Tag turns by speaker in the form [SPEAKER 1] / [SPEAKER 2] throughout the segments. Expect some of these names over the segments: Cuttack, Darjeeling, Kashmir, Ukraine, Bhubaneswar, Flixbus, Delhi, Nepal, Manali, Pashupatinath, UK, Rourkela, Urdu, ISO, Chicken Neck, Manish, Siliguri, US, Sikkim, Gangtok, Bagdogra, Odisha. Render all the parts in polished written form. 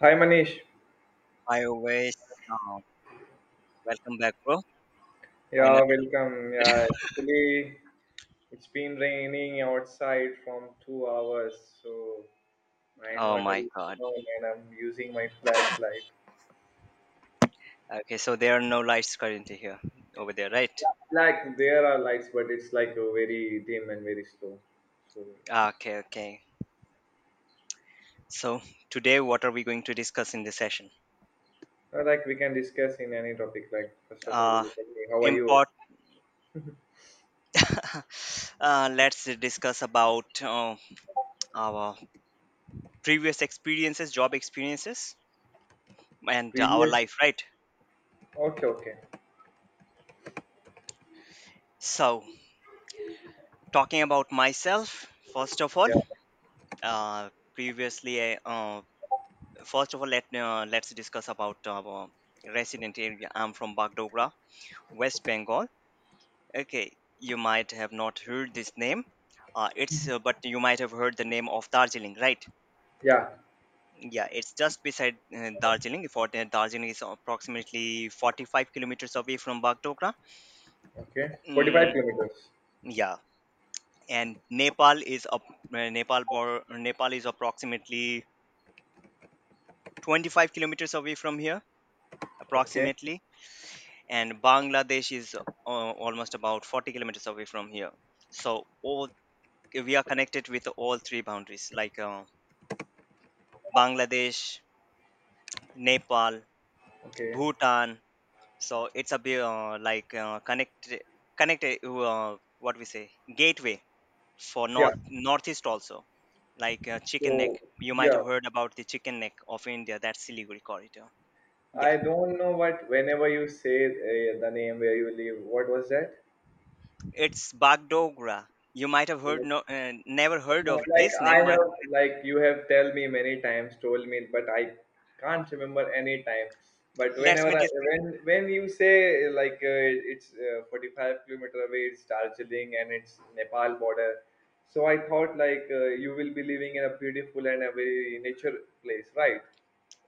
[SPEAKER 1] Hi Manish.
[SPEAKER 2] Hi, always. Uh, welcome back, bro. Finally.
[SPEAKER 1] Yeah, welcome. Yeah, actually, it's been raining outside from 2 hours, so my
[SPEAKER 2] Oh
[SPEAKER 1] inverter
[SPEAKER 2] my
[SPEAKER 1] is
[SPEAKER 2] God.
[SPEAKER 1] down and I'm using my flashlight.
[SPEAKER 2] Okay, so there are no lights currently here over there, right?
[SPEAKER 1] Like, there are lights, but it's like very dim and very slow. So,
[SPEAKER 2] Okay, okay. So today, what are we going to discuss in this session?
[SPEAKER 1] like, we can discuss in any topic. Like, first of all,
[SPEAKER 2] Uh,
[SPEAKER 1] tell me, how are you?
[SPEAKER 2] import. Let's discuss about our previous experiences, job experiences, and our
[SPEAKER 1] Previous?
[SPEAKER 2] life, right?
[SPEAKER 1] Okay, okay.
[SPEAKER 2] So, talking about myself, first of all,
[SPEAKER 1] Yeah,
[SPEAKER 2] uh, previously, I, uh, let's discuss about our resident area. I'm from Bagdogra, West Bengal. Okay, you might have not heard this name. It's but you might have heard the name of Darjeeling, right?
[SPEAKER 1] yeah.
[SPEAKER 2] Yeah, it's just beside Darjeeling. Darjeeling is approximately 45 kilometers away from Bagdogra.
[SPEAKER 1] Okay. 45
[SPEAKER 2] Mm,
[SPEAKER 1] kilometers.
[SPEAKER 2] yeah, and Nepal is up, Nepal bor- Nepal is approximately 25 kilometers away from here,
[SPEAKER 1] Okay,
[SPEAKER 2] approximately. And Bangladesh is almost about 40 kilometers away from here. So all we are connected with all three boundaries, like Bangladesh, Nepal,
[SPEAKER 1] okay.
[SPEAKER 2] Bhutan. So it's a bit like connected, what we say, gateway for
[SPEAKER 1] Yeah.
[SPEAKER 2] northeast also, like Chicken Neck.
[SPEAKER 1] So,
[SPEAKER 2] You might
[SPEAKER 1] yeah.
[SPEAKER 2] have heard about the Chicken Neck of India, that Siliguri corridor. Yeah,
[SPEAKER 1] I don't know what whenever you say the name where you live, what was that?
[SPEAKER 2] it's Bagdogra. You might have heard never heard of
[SPEAKER 1] Like
[SPEAKER 2] this
[SPEAKER 1] I
[SPEAKER 2] name, but
[SPEAKER 1] have, like you have tell me many times, told me, but I can't remember any time. But
[SPEAKER 2] let me
[SPEAKER 1] whenever I,
[SPEAKER 2] dis-
[SPEAKER 1] when you say like it's 45 kilometer away, it's Darjeeling and it's Nepal border. So I thought like you will be living in a beautiful and a very nature place, right?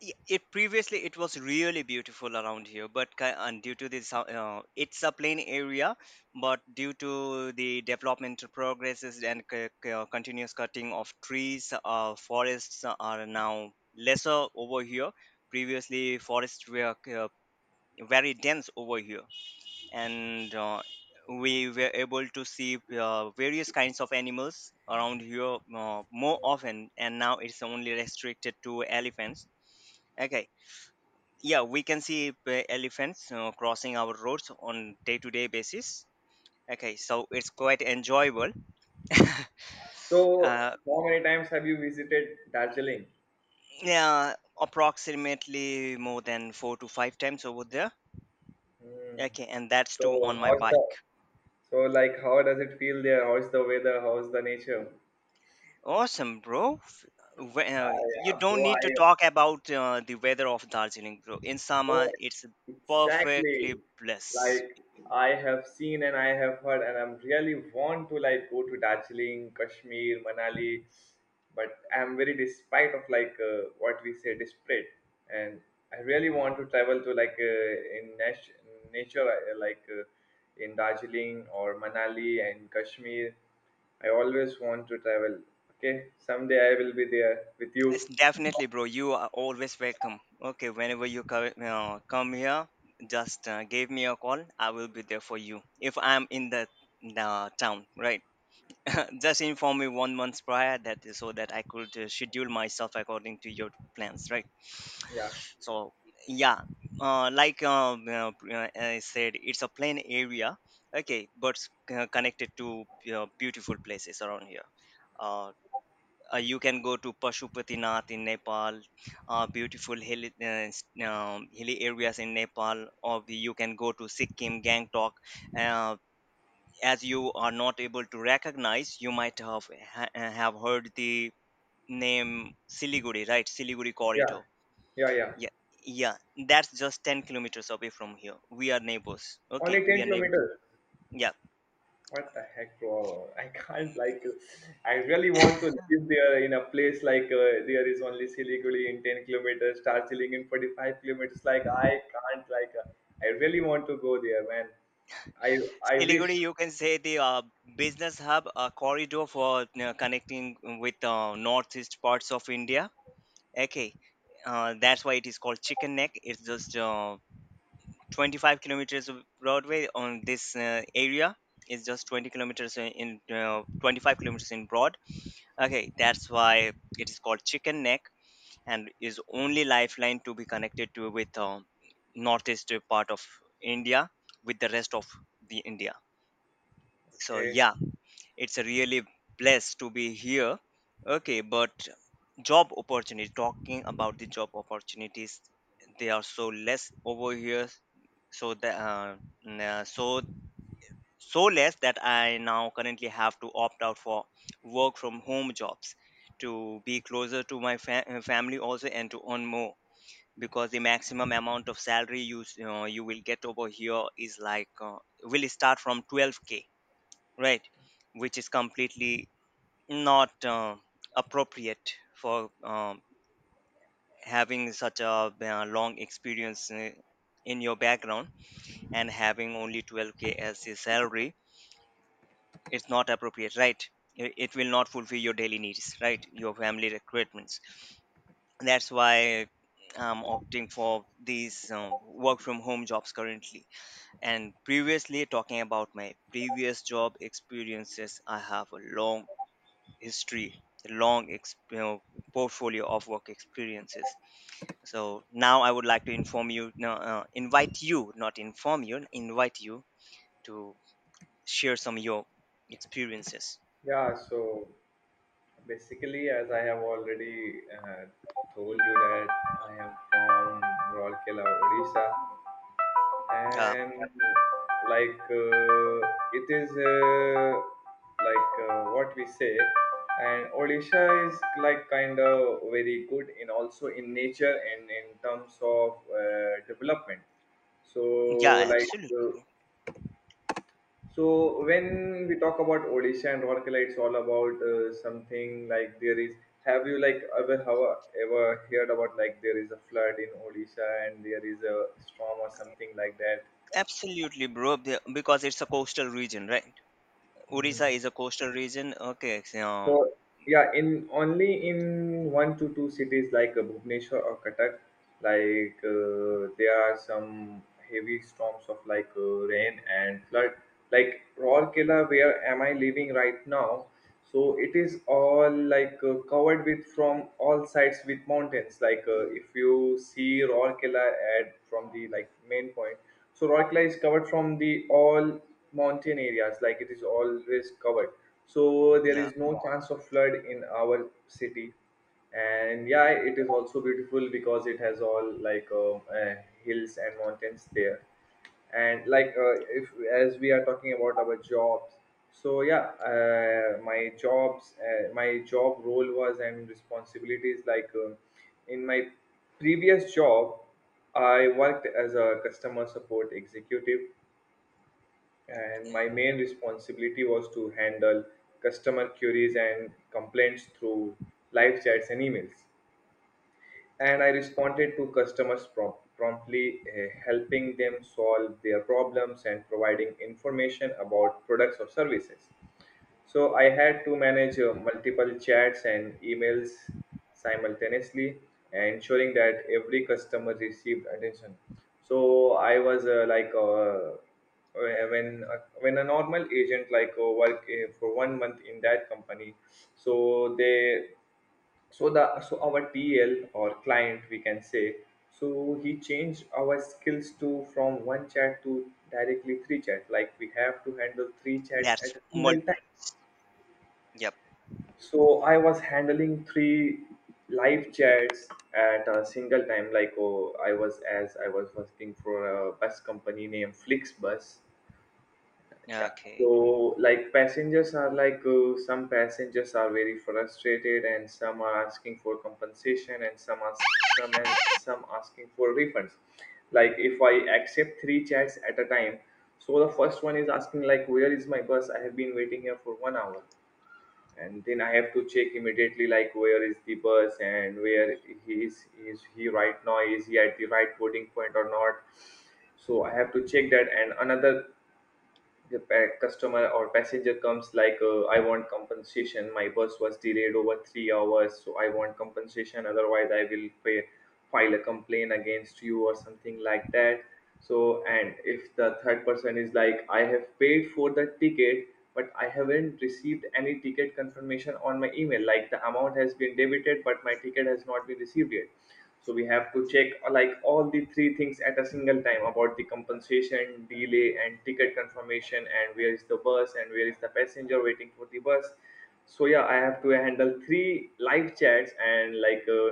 [SPEAKER 2] it previously it was really beautiful around here, but ki- and due to this, it's a plain area, but due to the developmental progresses and continuous cutting of trees, forests are now lesser over here. Previously, forests were very dense over here, and we were able to see various kinds of animals around here more often. And now it's only restricted to elephants. Okay, yeah, we can see elephants crossing our roads on day to day basis. Okay, so it's quite enjoyable.
[SPEAKER 1] So
[SPEAKER 2] uh,
[SPEAKER 1] how many times have you visited Darjeeling?
[SPEAKER 2] yeah approximately more than four to five times over there.
[SPEAKER 1] Hmm.
[SPEAKER 2] Okay, and that's too on
[SPEAKER 1] So
[SPEAKER 2] my
[SPEAKER 1] how's
[SPEAKER 2] bike.
[SPEAKER 1] the so like how does it feel there? How's the weather? How's the nature?
[SPEAKER 2] Awesome, bro.
[SPEAKER 1] Ah,
[SPEAKER 2] You
[SPEAKER 1] yeah,
[SPEAKER 2] don't
[SPEAKER 1] bro, I
[SPEAKER 2] need to talk about the weather of Darjeeling, bro. In
[SPEAKER 1] no,
[SPEAKER 2] summer it's
[SPEAKER 1] exactly.
[SPEAKER 2] perfectly bliss.
[SPEAKER 1] Like I have seen and I have heard, and I'm really want to like go to Darjeeling, Kashmir, Manali, but I'm very despite of like what we say desperate, and I really want to travel to like in nature, like in Darjeeling or Manali and Kashmir. I always want to travel. Okay, someday I will be there with you.
[SPEAKER 2] Yes, definitely, bro. You are always welcome. Okay, whenever you come here, just give me a call. I will be there for you, if I'm in the town, right? Just inform me one month prior that so that I could schedule myself according to your plans, right?
[SPEAKER 1] Yeah,
[SPEAKER 2] So yeah, like, I said, it's a plain area. Okay, but connected to you beautiful places around here. Uh, you can go to Pashupatinath in Nepal, beautiful hilly areas in Nepal, or you can go to Sikkim, Gangtok. Uh, as you are not able to recognize, you might have heard the name Siliguri, right? Siliguri
[SPEAKER 1] yeah,
[SPEAKER 2] corridor.
[SPEAKER 1] yeah, yeah.
[SPEAKER 2] Yeah, yeah, that's just 10 kilometers away from here. We are neighbors.
[SPEAKER 1] Only
[SPEAKER 2] Okay, we
[SPEAKER 1] ten
[SPEAKER 2] are neighbors.
[SPEAKER 1] kilometers.
[SPEAKER 2] Yeah.
[SPEAKER 1] What the heck, bro? I can't like. I really want to live there in a place like there is only Siliguri in 10 kilometers, Darjeeling in 45 kilometers. Like I can't like. I really want to go there, man. I I
[SPEAKER 2] Siliguri,
[SPEAKER 1] wish.
[SPEAKER 2] you can say, the business hub, a corridor for connecting with northeast parts of India. Okay, that's why it is called Chicken Neck. It's just 25 kilometers of Broadway on this area. It's just 20 kilometers in 25 kilometers in broad. Okay, that's why it is called Chicken Neck, and is only lifeline to be connected to with northeast part of India with the rest of the India. So
[SPEAKER 1] Okay.
[SPEAKER 2] yeah, it's a really blessed to be here. Okay, but job opportunity, talking about the job opportunities, they are so less over here. So that uh, n- uh, so so less that I now currently have to opt out for work from home jobs to be closer to my family also, and to earn more, because the maximum amount of salary you will get over here is like, will start from 12K, right, which is completely not appropriate for having such a long experience in your background, and having only 12K as a salary, it's not appropriate, right. It will not fulfill your daily needs, right, your family requirements. That's why I'm opting for these work from home jobs currently. And previously, talking about my previous job experiences, I have a long history, a long portfolio of work experiences. So now I would like to inform you, no, invite you, not inform you, invite you to share some of your experiences.
[SPEAKER 1] Yeah. So basically, as I have already told you that I am from Rourkela, Odisha,
[SPEAKER 2] Yeah,
[SPEAKER 1] and like it is like what we say, and Odisha is like kind of very good in also in nature and in terms of development. So
[SPEAKER 2] yeah,
[SPEAKER 1] like
[SPEAKER 2] absolutely,
[SPEAKER 1] uh,
[SPEAKER 2] bro.
[SPEAKER 1] so when we talk about Odisha and Rourkela, it's all about something like there is, have you like ever heard about like there is a flood in Odisha and there is a storm or something like that?
[SPEAKER 2] Absolutely, bro. Because it's a coastal region, right?
[SPEAKER 1] Mm.
[SPEAKER 2] Odisha is a coastal region. Okay, so,
[SPEAKER 1] So yeah, in only in one to two cities like Bhubaneswar or Cuttack, like there are some heavy storms of like rain and flood. Like Rourkela, where am I living right now? So it is all like covered with from all sides with mountains. Like if you see Rourkela at from the like main point, so Rourkela is covered from the all mountain areas. Like it is always covered, so there
[SPEAKER 2] yeah,
[SPEAKER 1] is no, wow, chance of flood in our city, and yeah, it is also beautiful because it has all like hills and mountains there. And like if as we are talking about our jobs, so yeah, my job role was and responsibilities like in my previous job I worked as a customer support executive, and my main responsibility was to handle customer queries and complaints through live chats and emails. And I responded to customers promptly, helping them solve their problems and providing information about products or services. So I had to manage multiple chats and emails simultaneously, ensuring that every customer received attention. So I was when a normal agent like work for 1 month in that company, so they so the so our TL or client we can say, so he changed our skills to from one chat to directly three chat. Like we have to handle three chats
[SPEAKER 2] that's
[SPEAKER 1] at a
[SPEAKER 2] multi.
[SPEAKER 1] single time,
[SPEAKER 2] Yep.
[SPEAKER 1] so I was handling three live chats at a single time. Like, oh, I was working for a bus company named Flixbus. Yeah.
[SPEAKER 2] Okay.
[SPEAKER 1] So like passengers are like some passengers are very frustrated, and some are asking for compensation, and some are some and some asking for refunds. Like if I accept three chats at a time, so the first one is asking like where is my bus? I have been waiting here for 1 hour. And then I have to check immediately like where is the bus and where he is he right now, is he at the right boarding point or not. So I have to check that, and another customer or passenger comes like I want compensation, my bus was delayed over 3 hours, so I want compensation, otherwise I will pay, file a complaint against you or something like that. So and if the third person is like I have paid for the ticket, but I haven't received any ticket confirmation on my email, like the amount has been debited but my ticket has not been received yet. So we have to check like all the three things at a single time about the compensation delay and ticket confirmation and where is the bus and where is the passenger waiting for the bus. So yeah, I have to handle three live chats and like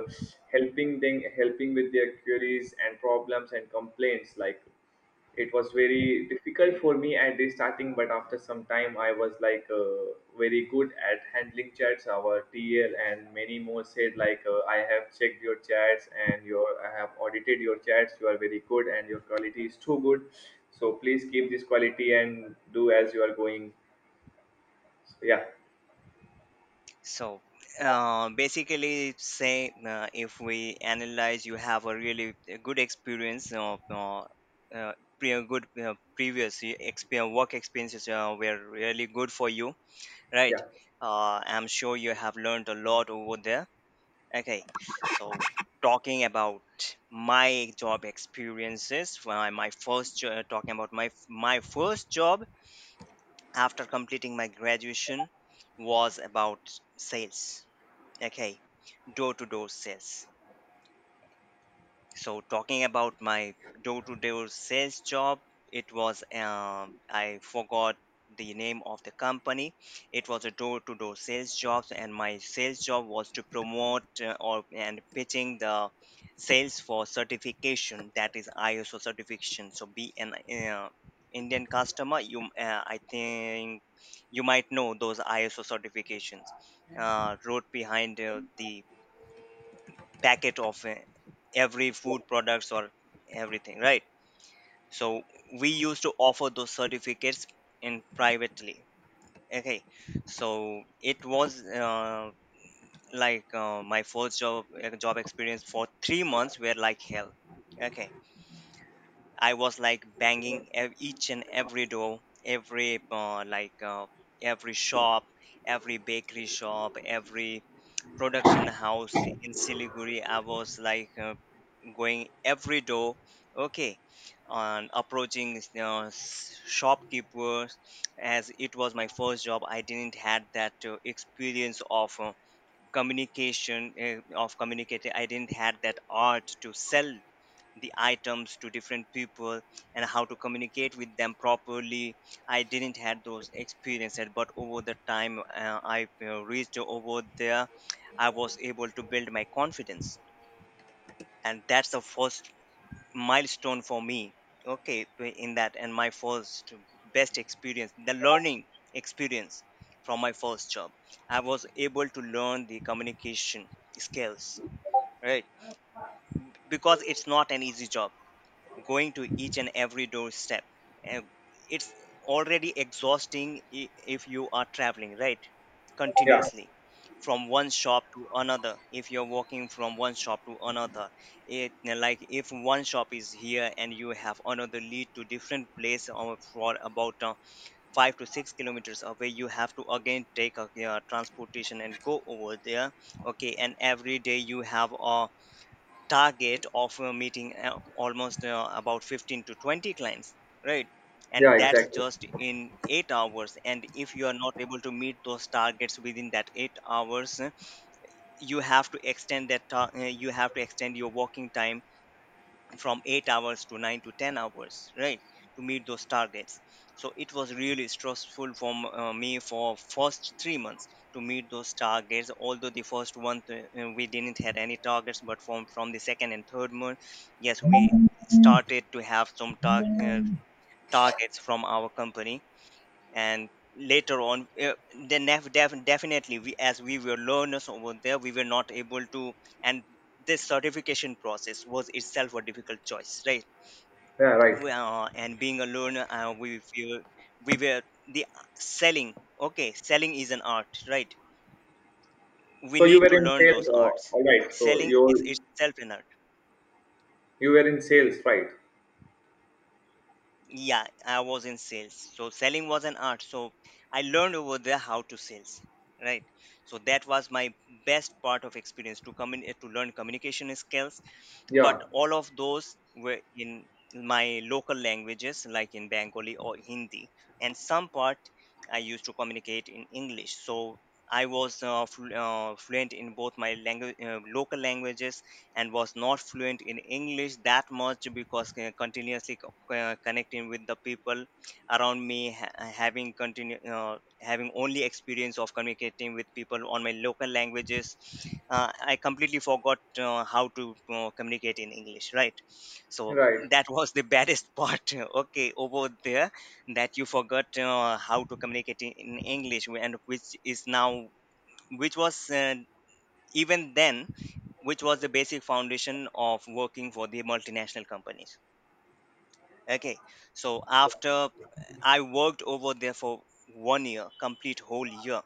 [SPEAKER 1] helping them, helping with their queries and problems and complaints. Like it was very difficult for me at the starting, but after some time I was like very good at handling chats. Our TL and many more said like I have checked your chats and your I have audited your chats, you are very good and your quality is too good, so please keep this quality and do as you are going. Yeah.
[SPEAKER 2] So basically, say if we analyze, you have a really good experience of pre- good previous experience, work experiences were really good for you, right?
[SPEAKER 1] Yeah,
[SPEAKER 2] I'm sure you have learned a lot over there. Okay, so talking about my job experiences, talking about my first job after completing my graduation was about sales. Okay, door to door sales. So, talking about my door to door sales job, it was, I forgot the name of the company. It was a door to door sales job, and my sales job was to promote or and pitching the sales for certification, that is ISO certification. So, be an uh, Indian customer, you I think you might know those ISO certifications wrote behind the packet of every food products, or everything, right. So we used to offer those certificates in privately. Okay, so it was like my first job job experience for 3 months were like hell. Okay, I was like banging each and every door, every shop, every bakery shop, every production house in Siliguri. I was like going every door. Okay, on approaching, you know, shopkeepers. As it was my first job, I didn't had that experience of. Communication, of communicating, I didn't had that art to sell the items to different people and how to communicate with them properly. I didn't had those experiences, but over the time, I reached over there. I was able to build my confidence, and that's the first milestone for me. Okay, in that. And my first best experience, the learning experience from my first job, I was able to learn the communication skills, right. Because it's not an easy job, going to each and every doorstep. Uh, It's already exhausting, i- if you are traveling, right?
[SPEAKER 1] yeah,
[SPEAKER 2] Continuously from one shop to another, if you're walking from one shop to another, it, like, if one shop is here and you have another lead to different place or for about 5 to 6 kilometers away, you have to again take a transportation and go over there. Okay, and every day you have a target of meeting almost about 15 to 20 clients, right,
[SPEAKER 1] yeah,
[SPEAKER 2] and that's
[SPEAKER 1] exactly.
[SPEAKER 2] just in 8 hours. And if you are not able to meet those targets within that 8 hours, you have to extend your working time from 8 hours to 9 to 10 hours, right, to meet those targets. So it was really stressful for me for first 3 months to meet those targets, although the first one we didn't have any targets, but from the second and third month, yes, we started to have some targets from our company. And later on, then definitely, we, as we were learners over there, we were not able to. And this certification process was itself a difficult choice, right.
[SPEAKER 1] Yeah, right.
[SPEAKER 2] Well, and being alone, we feel we were the selling. Okay, selling is an art, right? We
[SPEAKER 1] So you
[SPEAKER 2] need
[SPEAKER 1] were
[SPEAKER 2] to
[SPEAKER 1] in
[SPEAKER 2] learn
[SPEAKER 1] sales,
[SPEAKER 2] those arts.
[SPEAKER 1] all right. So
[SPEAKER 2] Selling is
[SPEAKER 1] you
[SPEAKER 2] itself an art.
[SPEAKER 1] you were in sales, right?
[SPEAKER 2] Yeah, I was in sales, so selling was an art. So I learned over there how to sales, right? So that was my best part of experience to come in to learn communication skills,
[SPEAKER 1] Yeah,
[SPEAKER 2] but all of those were in my local languages, like in Bengali or Hindi. And some part I used to communicate in English. So I was fluent in both my language local languages, and was not fluent in English that much, because continuously connecting with the people around me, having only experience of communicating with people on my local languages, I completely forgot how to communicate in English, right? So
[SPEAKER 1] right.
[SPEAKER 2] that was the baddest part okay, over there, that you forgot how to communicate in English, and which is now, which was, even then, which was the basic foundation of working for the multinational companies. Okay, so after I worked over there for one year, complete whole year,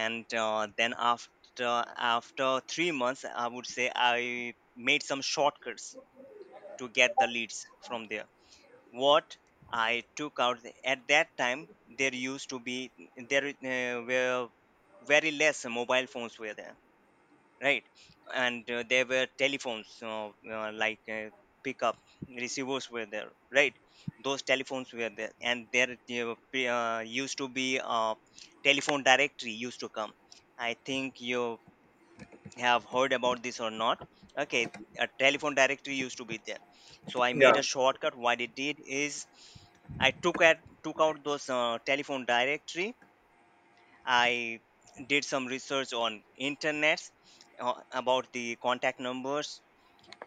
[SPEAKER 2] and then after 3 months, I would say, I made some shortcuts to get the leads from there. What I took out at that time, there used to be there were very less mobile phones were there, right? And there were telephones, uh, like uh, pickup receivers were there, right? Those telephones were there, and there used to be a telephone directory used to come. I think you have heard about this or not. Okay, a telephone directory used to be there. So I made
[SPEAKER 1] Yeah,
[SPEAKER 2] a shortcut. What it did is, I took out those telephone directory. I did some research on internet, about the contact numbers,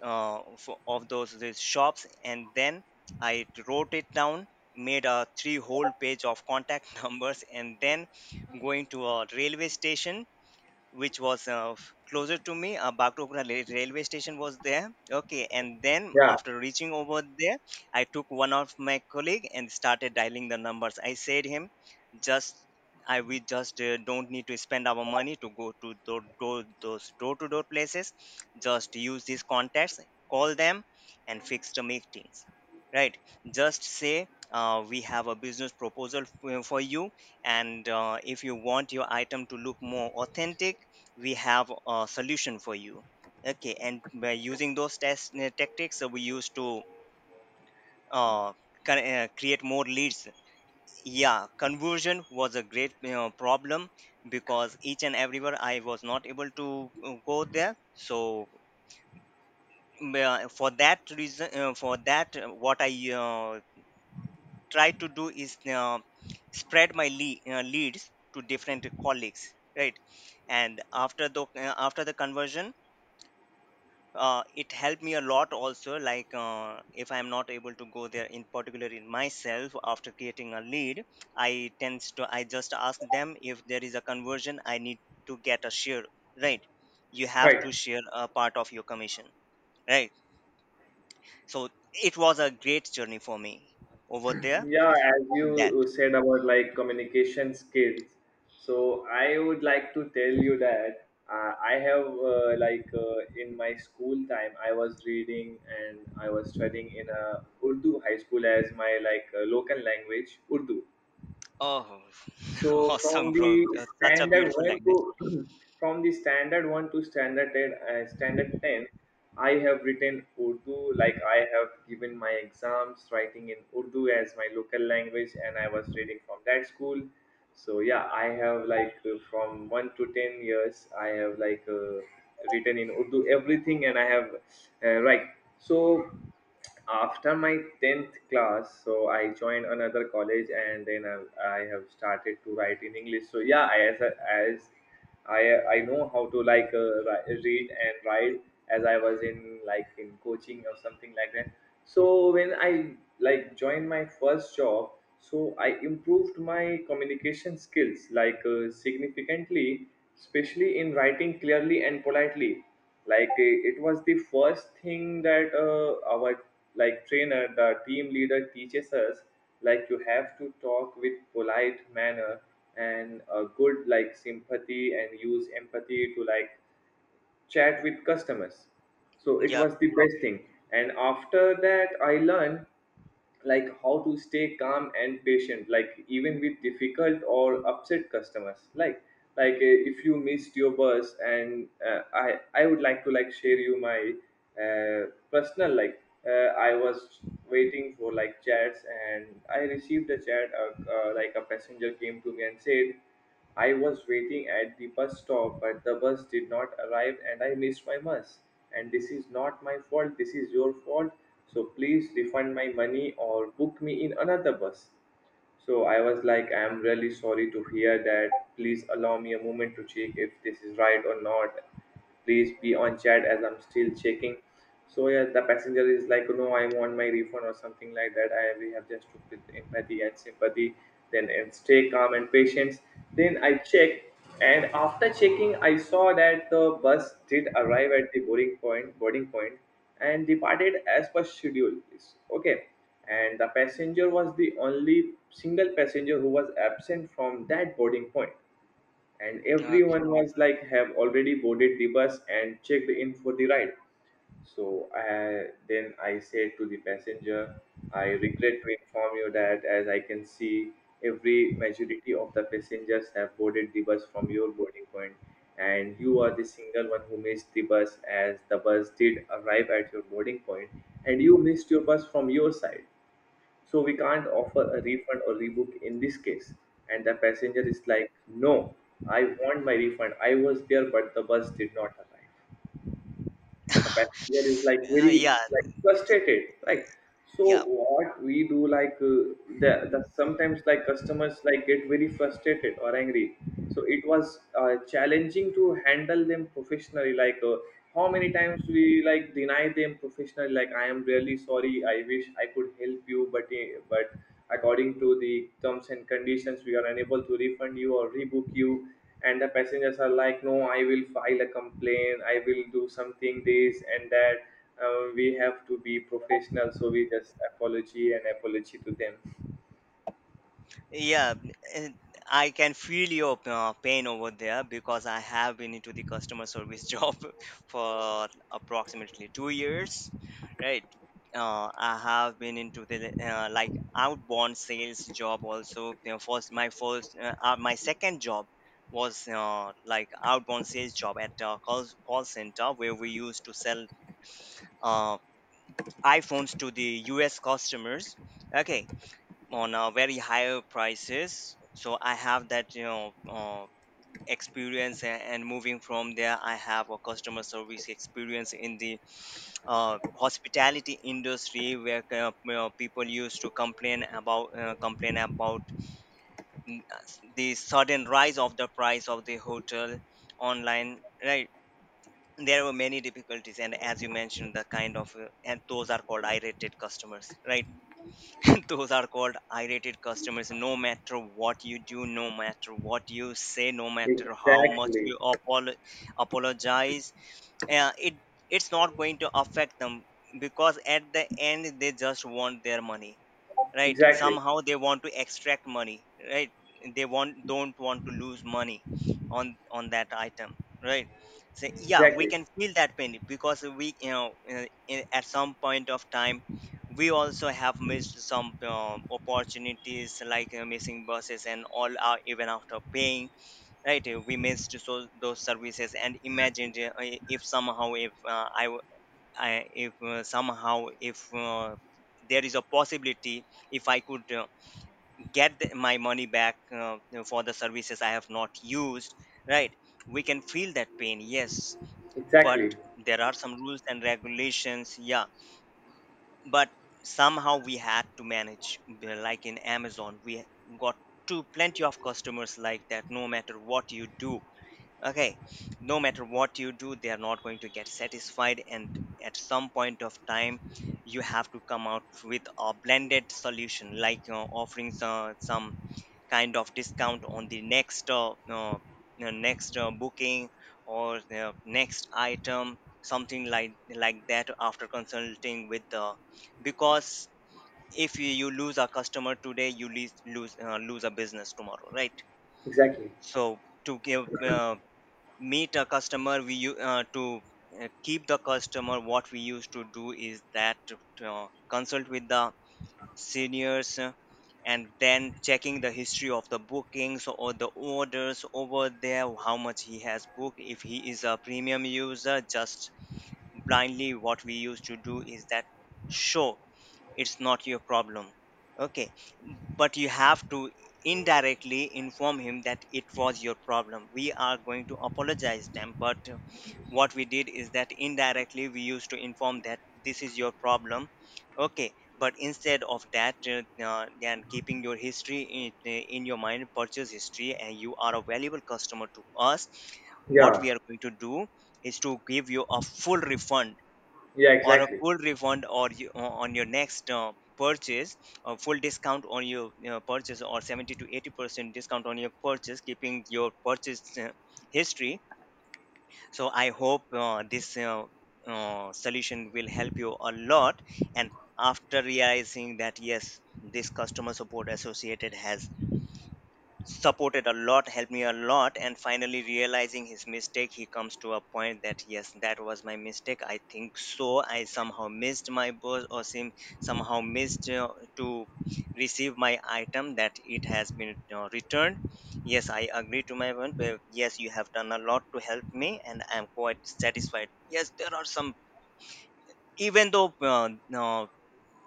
[SPEAKER 2] of those these shops, and then I wrote it down, made a three whole page of contact numbers, and then going to a railway station which was closer to me. Bagdogra railway station was there. Okay, and then
[SPEAKER 1] yeah,
[SPEAKER 2] after reaching over there, I took one of my colleague and started dialing the numbers. I said him, just, I we just don't need to spend our money to go to door to door places. Just use these contacts, call them, and fix the meetings. Right? Just say, we have a business proposal for you, and if you want your item to look more authentic, we have a solution for you. Okay, and by using those test tactics, we used to uh, create more leads. Yeah, conversion was a great, problem, because each and everywhere I was not able to go there. So for that reason, for that what I uh, try to do is, spread my leads to different colleagues, right? And after the conversion, it helped me a lot also, like if I'm not able to go there in particular in myself after creating a lead, I tends to I just ask them if there is a conversion, I need to get a share, right? You have
[SPEAKER 1] right.
[SPEAKER 2] to share a part of your commission, right? So it was a great journey for me over there,
[SPEAKER 1] Yeah, as
[SPEAKER 2] in that.
[SPEAKER 1] you said about like communication skills, so I would like to tell you that I have like in my school time I was reading and I was studying in a Urdu high school as my like local language Urdu.
[SPEAKER 2] Oh,
[SPEAKER 1] So
[SPEAKER 2] awesome,
[SPEAKER 1] from
[SPEAKER 2] bro.
[SPEAKER 1] the
[SPEAKER 2] Such a
[SPEAKER 1] standard
[SPEAKER 2] beautiful
[SPEAKER 1] one to
[SPEAKER 2] language.
[SPEAKER 1] from the standard one to standard ten, I have written Urdu, like I have given my exams writing in Urdu as my local language, and I was reading from that school. So yeah, I have like from 1 to 10 years I have like written in Urdu everything, and I have right. So after my 10th class, so I joined another college, and then I have started to write in English. So yeah, I, as, a, as I know how to like read and write, as I was in like in coaching or something like that. So when I like joined my first job, so I improved my communication skills like significantly, especially in writing clearly and politely. Like it was the first thing that our like trainer, the team leader, teaches us, like you have to talk with polite manner and a good like sympathy and use empathy to like chat with customers. So it
[SPEAKER 2] Yep.
[SPEAKER 1] was the best thing. And after that I learned like how to stay calm and patient, like even with difficult or upset customers. Like if you missed your bus, and I would like to like share you my personal like I was waiting for like chats, and I received a chat, like a passenger came to me and said, I was waiting at the bus stop, but the bus did not arrive and I missed my bus. And this is not my fault, this is your fault. So please refund my money or book me in another bus. So I was like, I'm really sorry to hear that. Please allow me a moment to check if this is right or not. Please be on chat as I'm still checking. So yeah, the passenger is like, no, I want my refund or something like that. I, we have just took with empathy and sympathy, then and stay calm and patience. Then I checked, and after checking, I saw that the bus did arrive at the boarding point, and departed as per schedule. Okay, and the passenger was the only single passenger who was absent from that boarding point, and
[SPEAKER 2] uh,
[SPEAKER 1] everyone was like have already boarded the bus and checked in for the ride. So then I said to the passenger, I regret to inform you that as I can see, every majority of the passengers have boarded the bus from your boarding point, and you are the single one who missed the bus, as the bus did arrive at your boarding point, and you missed your bus from your side. So we can't offer a refund or rebook in this case. And the passenger is like, no, I want my refund. I was there, but the bus did not arrive. The passenger is like very
[SPEAKER 2] yeah,
[SPEAKER 1] like frustrated, right? So
[SPEAKER 2] yeah.
[SPEAKER 1] what we do like the sometimes like customers like get very frustrated or angry. So it was challenging to handle them professionally. Like how many times we like deny them professionally? Like I am really sorry. I wish I could help you, but according to the terms and conditions, we are unable to refund you or rebook you. And the passengers are like, no, I will file a complaint, I will do something this and that. We have to be professional, so we just apology and apology to them.
[SPEAKER 2] Yeah, and I can feel your pain over there, because I have been into the customer service job for approximately 2 years, right? I have been into the like outbound sales job also. You know, my second job was like outbound sales job at a call center, where we used to sell uh, iPhones to the U.S. customers. Okay, on a very higher prices. So I have that, experience, and moving from there, I have a customer service experience in the hospitality industry, where, people used to complain about, the sudden rise of the price of the hotel online, right? There were many difficulties, and as you mentioned, the kind of and those are called irritated customers, right? Those are called irritated customers, no matter what you do, no matter what you say, no matter how much
[SPEAKER 1] Exactly,
[SPEAKER 2] you apologize, it it's not going to affect them, because at the end they just want their money, right?
[SPEAKER 1] exactly,
[SPEAKER 2] Somehow they want to extract money, right? They want don't want to lose money on that item, right? So yeah, we
[SPEAKER 1] exactly,
[SPEAKER 2] can feel that pain, because we you know in- at some point of time, we also have missed some opportunities, like missing buses and all, are even after paying, right? We missed so those services. And imagine, if somehow, if I, if somehow, if there is a possibility, if I could get my money back, for the services I have not used, right? We can feel that pain, yes. But
[SPEAKER 1] exactly,
[SPEAKER 2] there are some rules and regulations. Yeah, but somehow we had to manage, like in Amazon we got to plenty of customers like that, no matter what you do. Okay, no matter what you do, they are not going to get satisfied. And at some point of time, you have to come out with a blended solution, like, you know, offering some kind of discount on the next, next booking, or the next item, something like that, after consulting with the, because if you lose a customer today, you lose a business tomorrow, right?
[SPEAKER 1] exactly.
[SPEAKER 2] So, to give meet a customer we u- to keep the customer, what we used to do is that, consult with the seniors, and then checking the history of the bookings or the orders over there, how much he has booked, if he is a premium user, just blindly, what we used to do is that, show it's not your problem. Okay, but you have to indirectly inform him that it was your problem. We are going to apologize them, but what we did is that, indirectly we used to inform that this is your problem. Okay, but instead of that, and keeping your history in your mind, purchase history, and you are a valuable customer to us. What
[SPEAKER 1] Yeah,
[SPEAKER 2] we are going to do is to give you a full refund,
[SPEAKER 1] yeah,
[SPEAKER 2] or a
[SPEAKER 1] exactly.
[SPEAKER 2] full refund, or on your next purchase, a full discount on your purchase, or 70 to 80% discount on your purchase, keeping your purchase history. So I hope this solution will help you a lot. And after realizing that, yes, this customer support associated has supported a lot, helped me a lot, and finally realizing his mistake, he comes to a point that, yes, that was my mistake, I think so. I somehow missed my boss, or somehow missed to receive my item, that it has been returned. Yes, I agree to my one. But yes, you have done a lot to help me, and I am quite satisfied. Yes, there are some, even though no,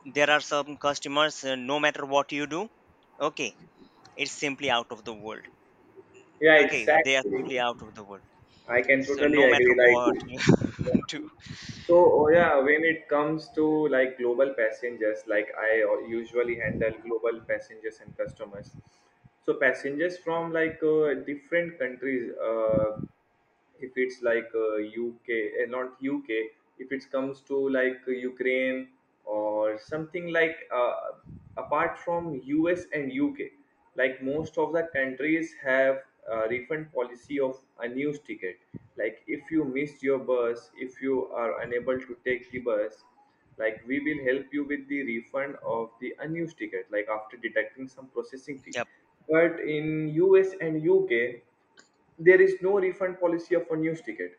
[SPEAKER 2] there are some customers, no matter what you do. Okay, it's simply out of the world.
[SPEAKER 1] Yeah,
[SPEAKER 2] Okay, they are
[SPEAKER 1] exactly.
[SPEAKER 2] simply out of the world.
[SPEAKER 1] I can
[SPEAKER 2] So
[SPEAKER 1] totally
[SPEAKER 2] no matter
[SPEAKER 1] agree.
[SPEAKER 2] what
[SPEAKER 1] Like,
[SPEAKER 2] you do.
[SPEAKER 1] so, yeah, when it comes to like global passengers, like I usually handle global passengers and customers. So, passengers from like different countries, if it's like UK, not UK, if it comes to like Ukraine or something like apart from US and UK, like most of the countries have a refund policy of unused ticket. Like if you missed your bus, if you are unable to take the bus, like we will help you with the refund of the unused ticket, like after deducting some processing fee.
[SPEAKER 2] Yep,
[SPEAKER 1] But in US and UK there is no refund policy of unused ticket.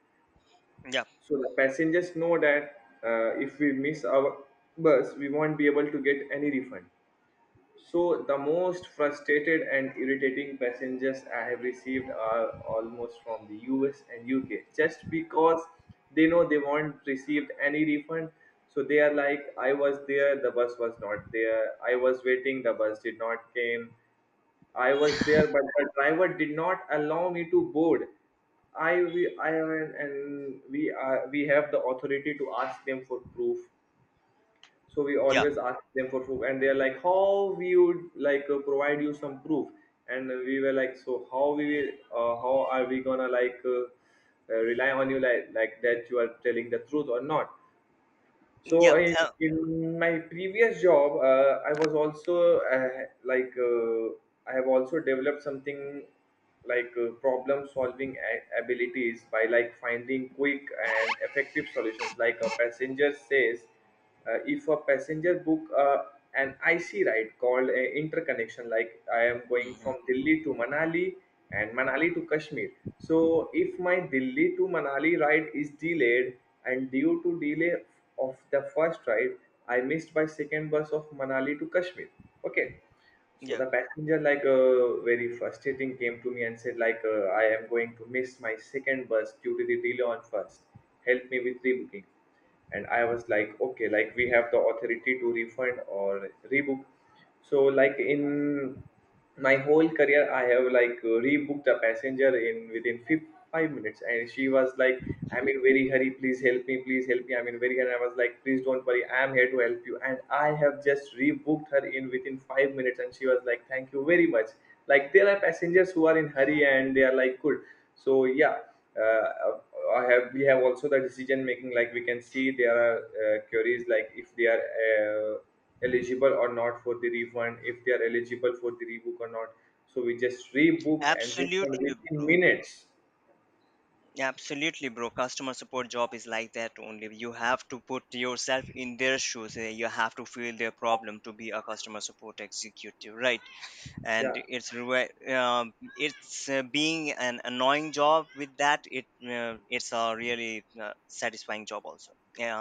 [SPEAKER 2] yep,
[SPEAKER 1] So the passengers know that if we miss our bus, we won't be able to get any refund. So, the most frustrated and irritating passengers I have received are almost from the US and UK just because they know they won't receive any refund. So, they are like, I was there, the bus was not there. I was waiting, the bus did not came. I was there, but the driver did not allow me to board. I we I and we are we have the authority to ask them for proof. So we
[SPEAKER 2] yep,
[SPEAKER 1] always ask them for proof, and they're like, "How we would like provide you some proof?" And we were like, "So how we will, how are we gonna like rely on you like that you are telling the truth or not?" So
[SPEAKER 2] yep.
[SPEAKER 1] in, in my previous job, I was also I have also developed something like problem solving abilities by like finding quick and effective solutions. Like a passenger says, if a passenger book an IC ride called a interconnection, like I am going
[SPEAKER 2] Mhm,
[SPEAKER 1] from Delhi to Manali and Manali to Kashmir. So if my Delhi to Manali ride is delayed, and due to delay of the first ride, I missed by second bus of Manali to Kashmir. Okay, so
[SPEAKER 2] yep.
[SPEAKER 1] the passenger, like, very frustrating, came to me and said, like, I am going to miss my second bus due to the delay on first. Help me with rebooking. And I was like, okay, like we have the authority to refund or rebook. So like in my whole career I have like rebooked a passenger in within 5 minutes, and she was like, I'm in very hurry, please help me, please help me, I'm in very hurry. And I was like, please don't worry, I'm here to help you. And I have just rebooked her in within 5 minutes, and she was like, thank you very much. Like there are passengers who are in hurry and they are like good. So yeah, uh, I have we have also the decision making, like we can see there are queries like if they are uh, eligible or not for the refund, if they are eligible for the rebook or not. So we just rebook and refund
[SPEAKER 2] Absolutely,
[SPEAKER 1] within
[SPEAKER 2] bro.
[SPEAKER 1] minutes.
[SPEAKER 2] Absolutely, bro. Customer support job is like that only. You have to put yourself in their shoes. You have to feel their problem to be a customer support executive, right? And
[SPEAKER 1] Yeah.
[SPEAKER 2] it's being an annoying job with that. It's a really satisfying job also. Yeah.